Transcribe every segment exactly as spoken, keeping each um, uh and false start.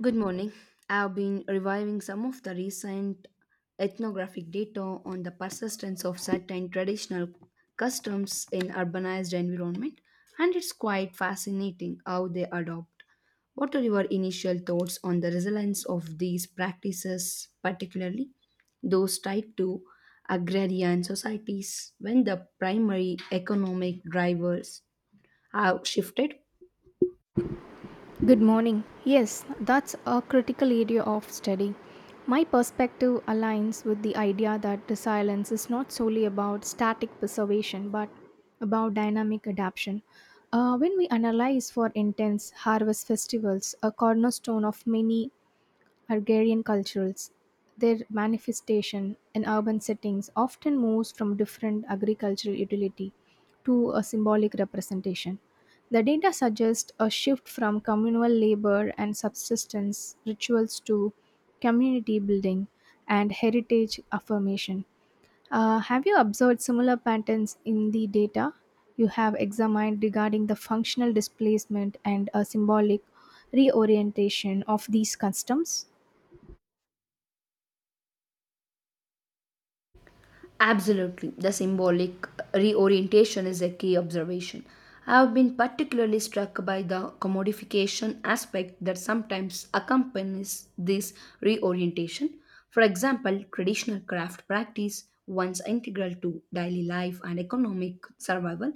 Good morning. I've been reviving some of the recent ethnographic data on the persistence of certain traditional customs in urbanized environment, and it's quite fascinating how they adopt. What are your initial thoughts on the resilience of these practices, particularly those tied to agrarian societies when the primary economic drivers have shifted? Good morning. Yes, that's a critical area of study. My perspective aligns with the idea that resilience is not solely about static preservation but about dynamic adaptation. Uh, when we analyze for intense harvest festivals, a cornerstone of many Hungarian cultures, their manifestation in urban settings often moves from different agricultural utility to a symbolic representation. The data suggests a shift from communal labor and subsistence rituals to community building and heritage affirmation. Uh, have you observed similar patterns in the data you have examined regarding the functional displacement and a symbolic reorientation of these customs? Absolutely, the symbolic reorientation is a key observation. I have been particularly struck by the commodification aspect that sometimes accompanies this reorientation. For example, traditional craft practice, once integral to daily life and economic survival,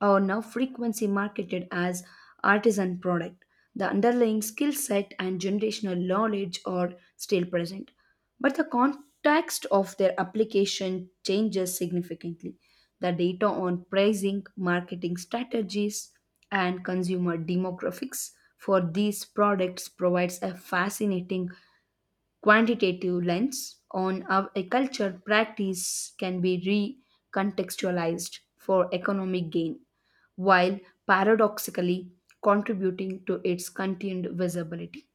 are now frequently marketed as artisan product. The underlying skill set and generational knowledge are still present, but the context of their application changes significantly. The data on pricing, marketing strategies, and consumer demographics for these products provides a fascinating quantitative lens on how a culture practice can be recontextualized for economic gain, while paradoxically contributing to its continued visibility.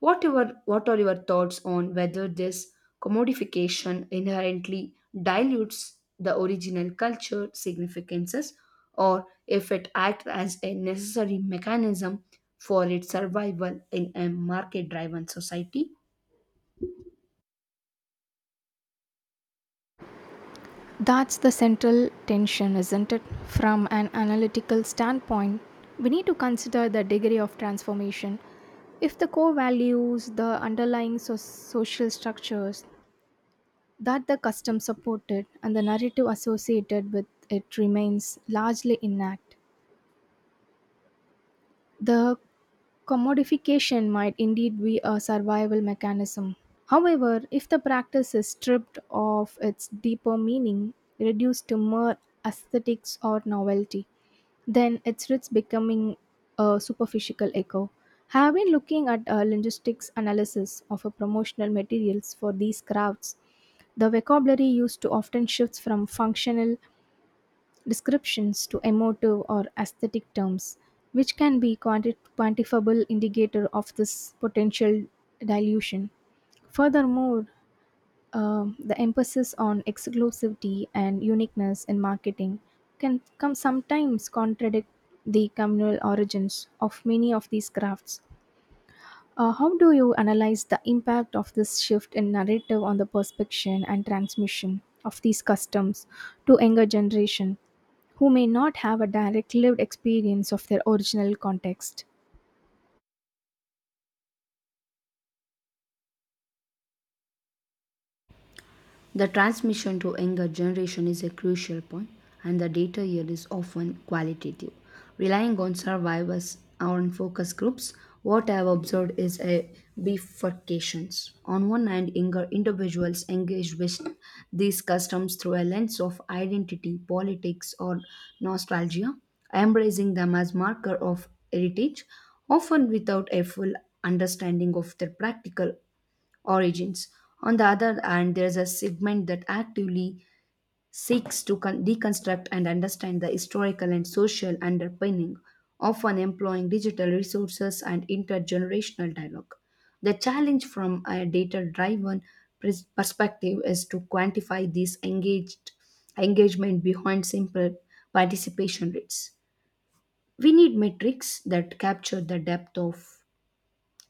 What, your, what are your thoughts on whether this commodification inherently dilutes the original culture significances, or if it acts as a necessary mechanism for its survival in a market driven society? That's the central tension, isn't it? From an analytical standpoint, we need to consider the degree of transformation. If the core values, the underlying so- social structures that the custom supported and the narrative associated with it remains largely intact, the commodification might indeed be a survival mechanism. However, if the practice is stripped of its deeper meaning, reduced to mere aesthetics or novelty, then it's risks becoming a superficial echo. Have been looking at a linguistics analysis of a promotional materials for these crafts. The vocabulary used to often shifts from functional descriptions to emotive or aesthetic terms, which can be quanti- quantifiable indicator of this potential dilution. Furthermore, um, the emphasis on exclusivity and uniqueness in marketing can come sometimes contradict the communal origins of many of these crafts. Uh, how do you analyze the impact of this shift in narrative on the perception and transmission of these customs to younger generation who may not have a direct lived experience of their original context? The transmission to younger generation is a crucial point, and the data here is often qualitative. Relying on survivors or focus groups, what I have observed is a bifurcations. On one hand, younger individuals engage with these customs through a lens of identity, politics, or nostalgia, embracing them as marker of heritage, often without a full understanding of their practical origins. On the other hand, there is a segment that actively seeks to con- deconstruct and understand the historical and social underpinning, often employing digital resources and intergenerational dialogue. The challenge from a data driven perspective is to quantify this engaged engagement behind simple participation rates. We need metrics that capture the depth of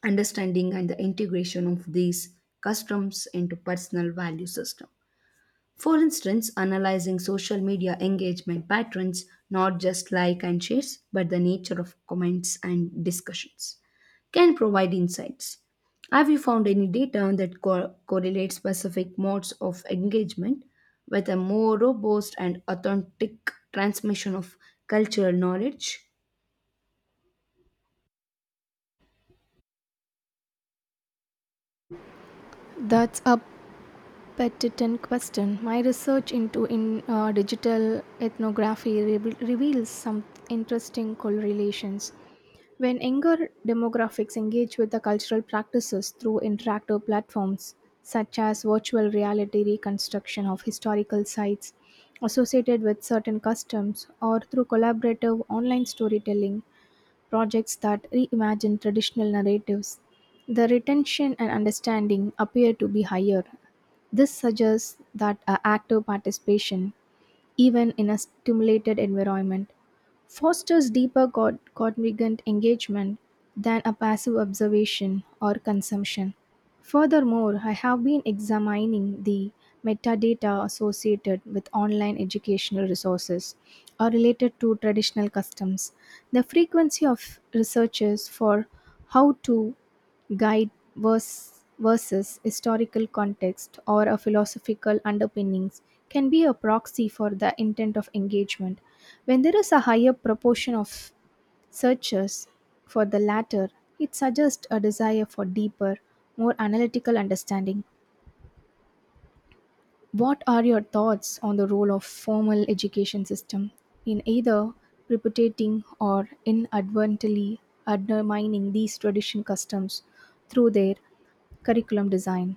understanding and the integration of these customs into personal value system. For instance, analyzing social media engagement patterns, not just like and shares but the nature of comments and discussions, can provide insights. Have you found any data that co- correlates specific modes of engagement with a more robust and authentic transmission of cultural knowledge? That's a Petitent question. My research into in uh, digital ethnography re- reveals some interesting correlations. When younger demographics engage with the cultural practices through interactive platforms such as virtual reality reconstruction of historical sites associated with certain customs or through collaborative online storytelling, projects that reimagine traditional narratives. The retention and understanding appear to be higher. This suggests that uh, active participation even in a stimulated environment, fosters deeper co- cognizant engagement than a passive observation or consumption. Furthermore, I have been examining the metadata associated with online educational resources or related to traditional customs. The frequency of researches for how to guide vers- versus historical context or a philosophical underpinnings can be a proxy for the intent of engagement. When there is a higher proportion of searchers for the latter, it suggests a desire for deeper, more analytical understanding. What are your thoughts on the role of formal education system in either repudiating or inadvertently undermining these tradition customs through their curriculum design?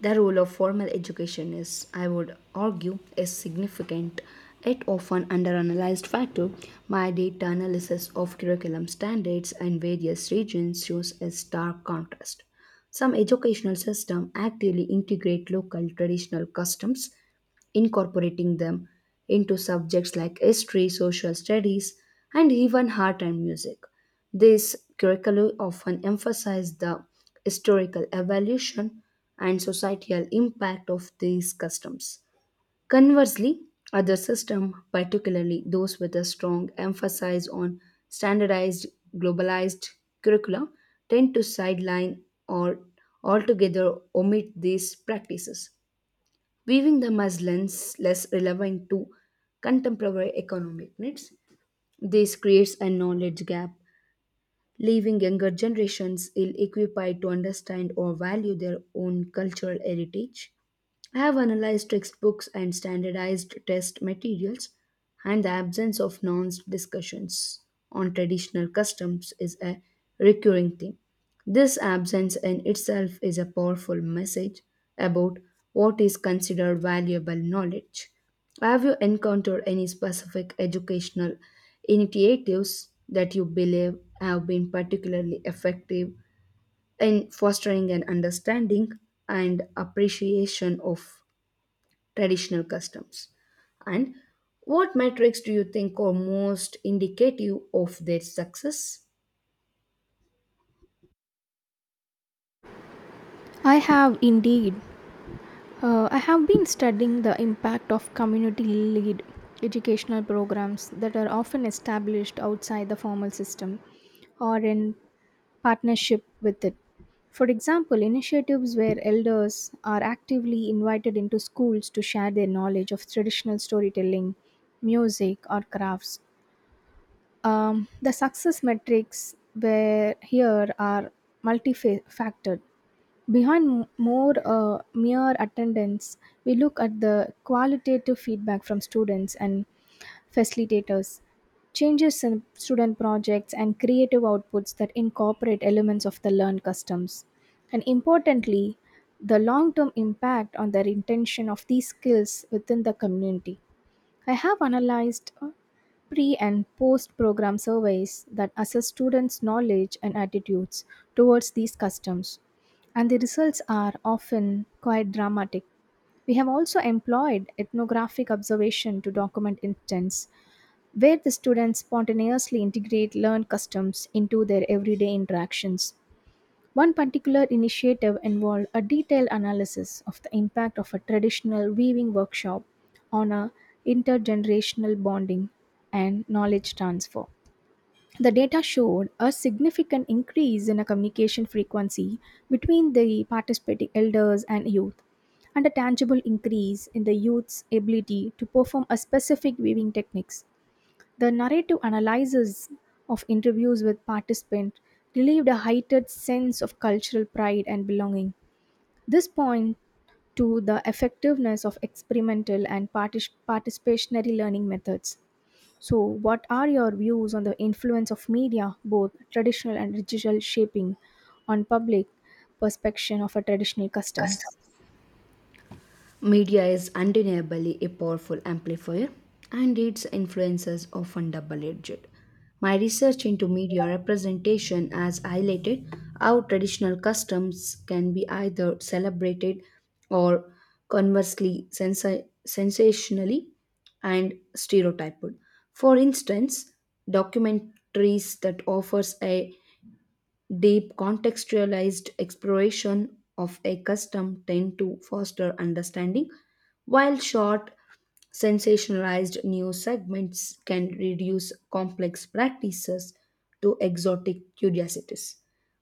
The role of formal education is, I would argue, is significant. It often underanalyzed factor. My data analysis of curriculum standards in various regions shows a stark contrast. Some educational systems actively integrate local traditional customs, incorporating them into subjects like history, social studies, and even art and music. These curricula often emphasize the historical evolution and societal impact of these customs. Conversely, other systems, particularly those with a strong emphasis on standardized, globalized curricula, tend to sideline or altogether omit these practices, weaving the muslins less relevant to contemporary economic needs. This creates a knowledge gap, leaving younger generations ill equipped to understand or value their own cultural heritage. I have analyzed textbooks and standardized test materials, and the absence of nuanced discussions on traditional customs is a recurring theme. This absence in itself is a powerful message about what is considered valuable knowledge. Have you encountered any specific educational initiatives that you believe have been particularly effective in fostering an understanding and appreciation of traditional customs? And what metrics do you think are most indicative of their success? I have indeed Uh, I have been studying the impact of community led educational programs that are often established outside the formal system or in partnership with it. For example, initiatives where elders are actively invited into schools to share their knowledge of traditional storytelling, music, or crafts. Um, the success metrics where here are multifaceted Behind m- more uh, mere attendance, we look at the qualitative feedback from students and facilitators, changes in student projects, and creative outputs that incorporate elements of the learned customs. And importantly, the long term impact on their intention of these skills within the community. I have analyzed uh, pre and post program surveys that assess students' knowledge and attitudes towards these customs, and the results are often quite dramatic. We have also employed ethnographic observation to document instance where the students spontaneously integrate learned customs into their everyday interactions. One particular initiative involved a detailed analysis of the impact of a traditional weaving workshop on a intergenerational bonding and knowledge transfer. The data showed a significant increase in a communication frequency between the participating elders and youth, and a tangible increase in the youth's ability to perform a specific weaving techniques. The narrative analysis of interviews with participants relieved a heightened sense of cultural pride and belonging. This points to the effectiveness of experimental and partic- participatory learning methods. So, what are your views on the influence of media, both traditional and digital shaping, on public perception of a traditional Custom. customs? Media is undeniably a powerful amplifier, and its influence is often double edged. My research into media representation has highlighted how traditional customs can be either celebrated or, conversely, sensa- sensationally and stereotyped. For instance, documentaries that offers a deep contextualized exploration of a custom tend to foster understanding, while short sensationalized news segments can reduce complex practices to exotic curiosities.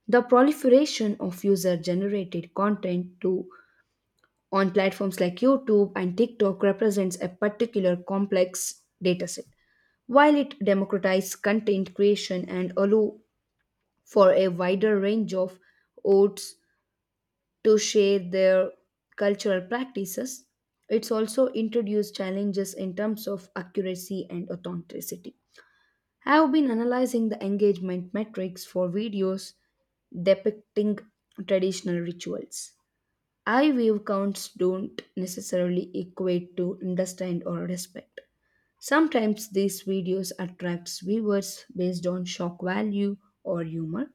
The proliferation of user generated content to on platforms like YouTube and TikTok represents a particular complex dataset. While it democratizes content creation and allow for a wider range of oats to share their cultural practices, it's also introduced challenges in terms of accuracy and authenticity. I have been analyzing the engagement metrics for videos depicting traditional rituals. I view counts don't necessarily equate to understand or respect. Sometimes these videos attracts viewers based on shock value or humor,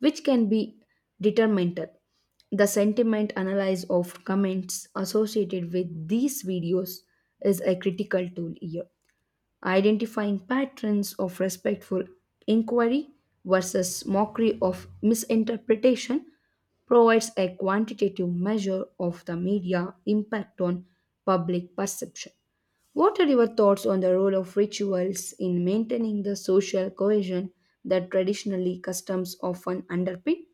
which can be detrimental. The sentiment analysis of comments associated with these videos is a critical tool here. Identifying patterns of respectful inquiry versus mockery of misinterpretation provides a quantitative measure of the media impact on public perception. What are your thoughts on the role of rituals in maintaining the social cohesion that traditionally customs often underpin?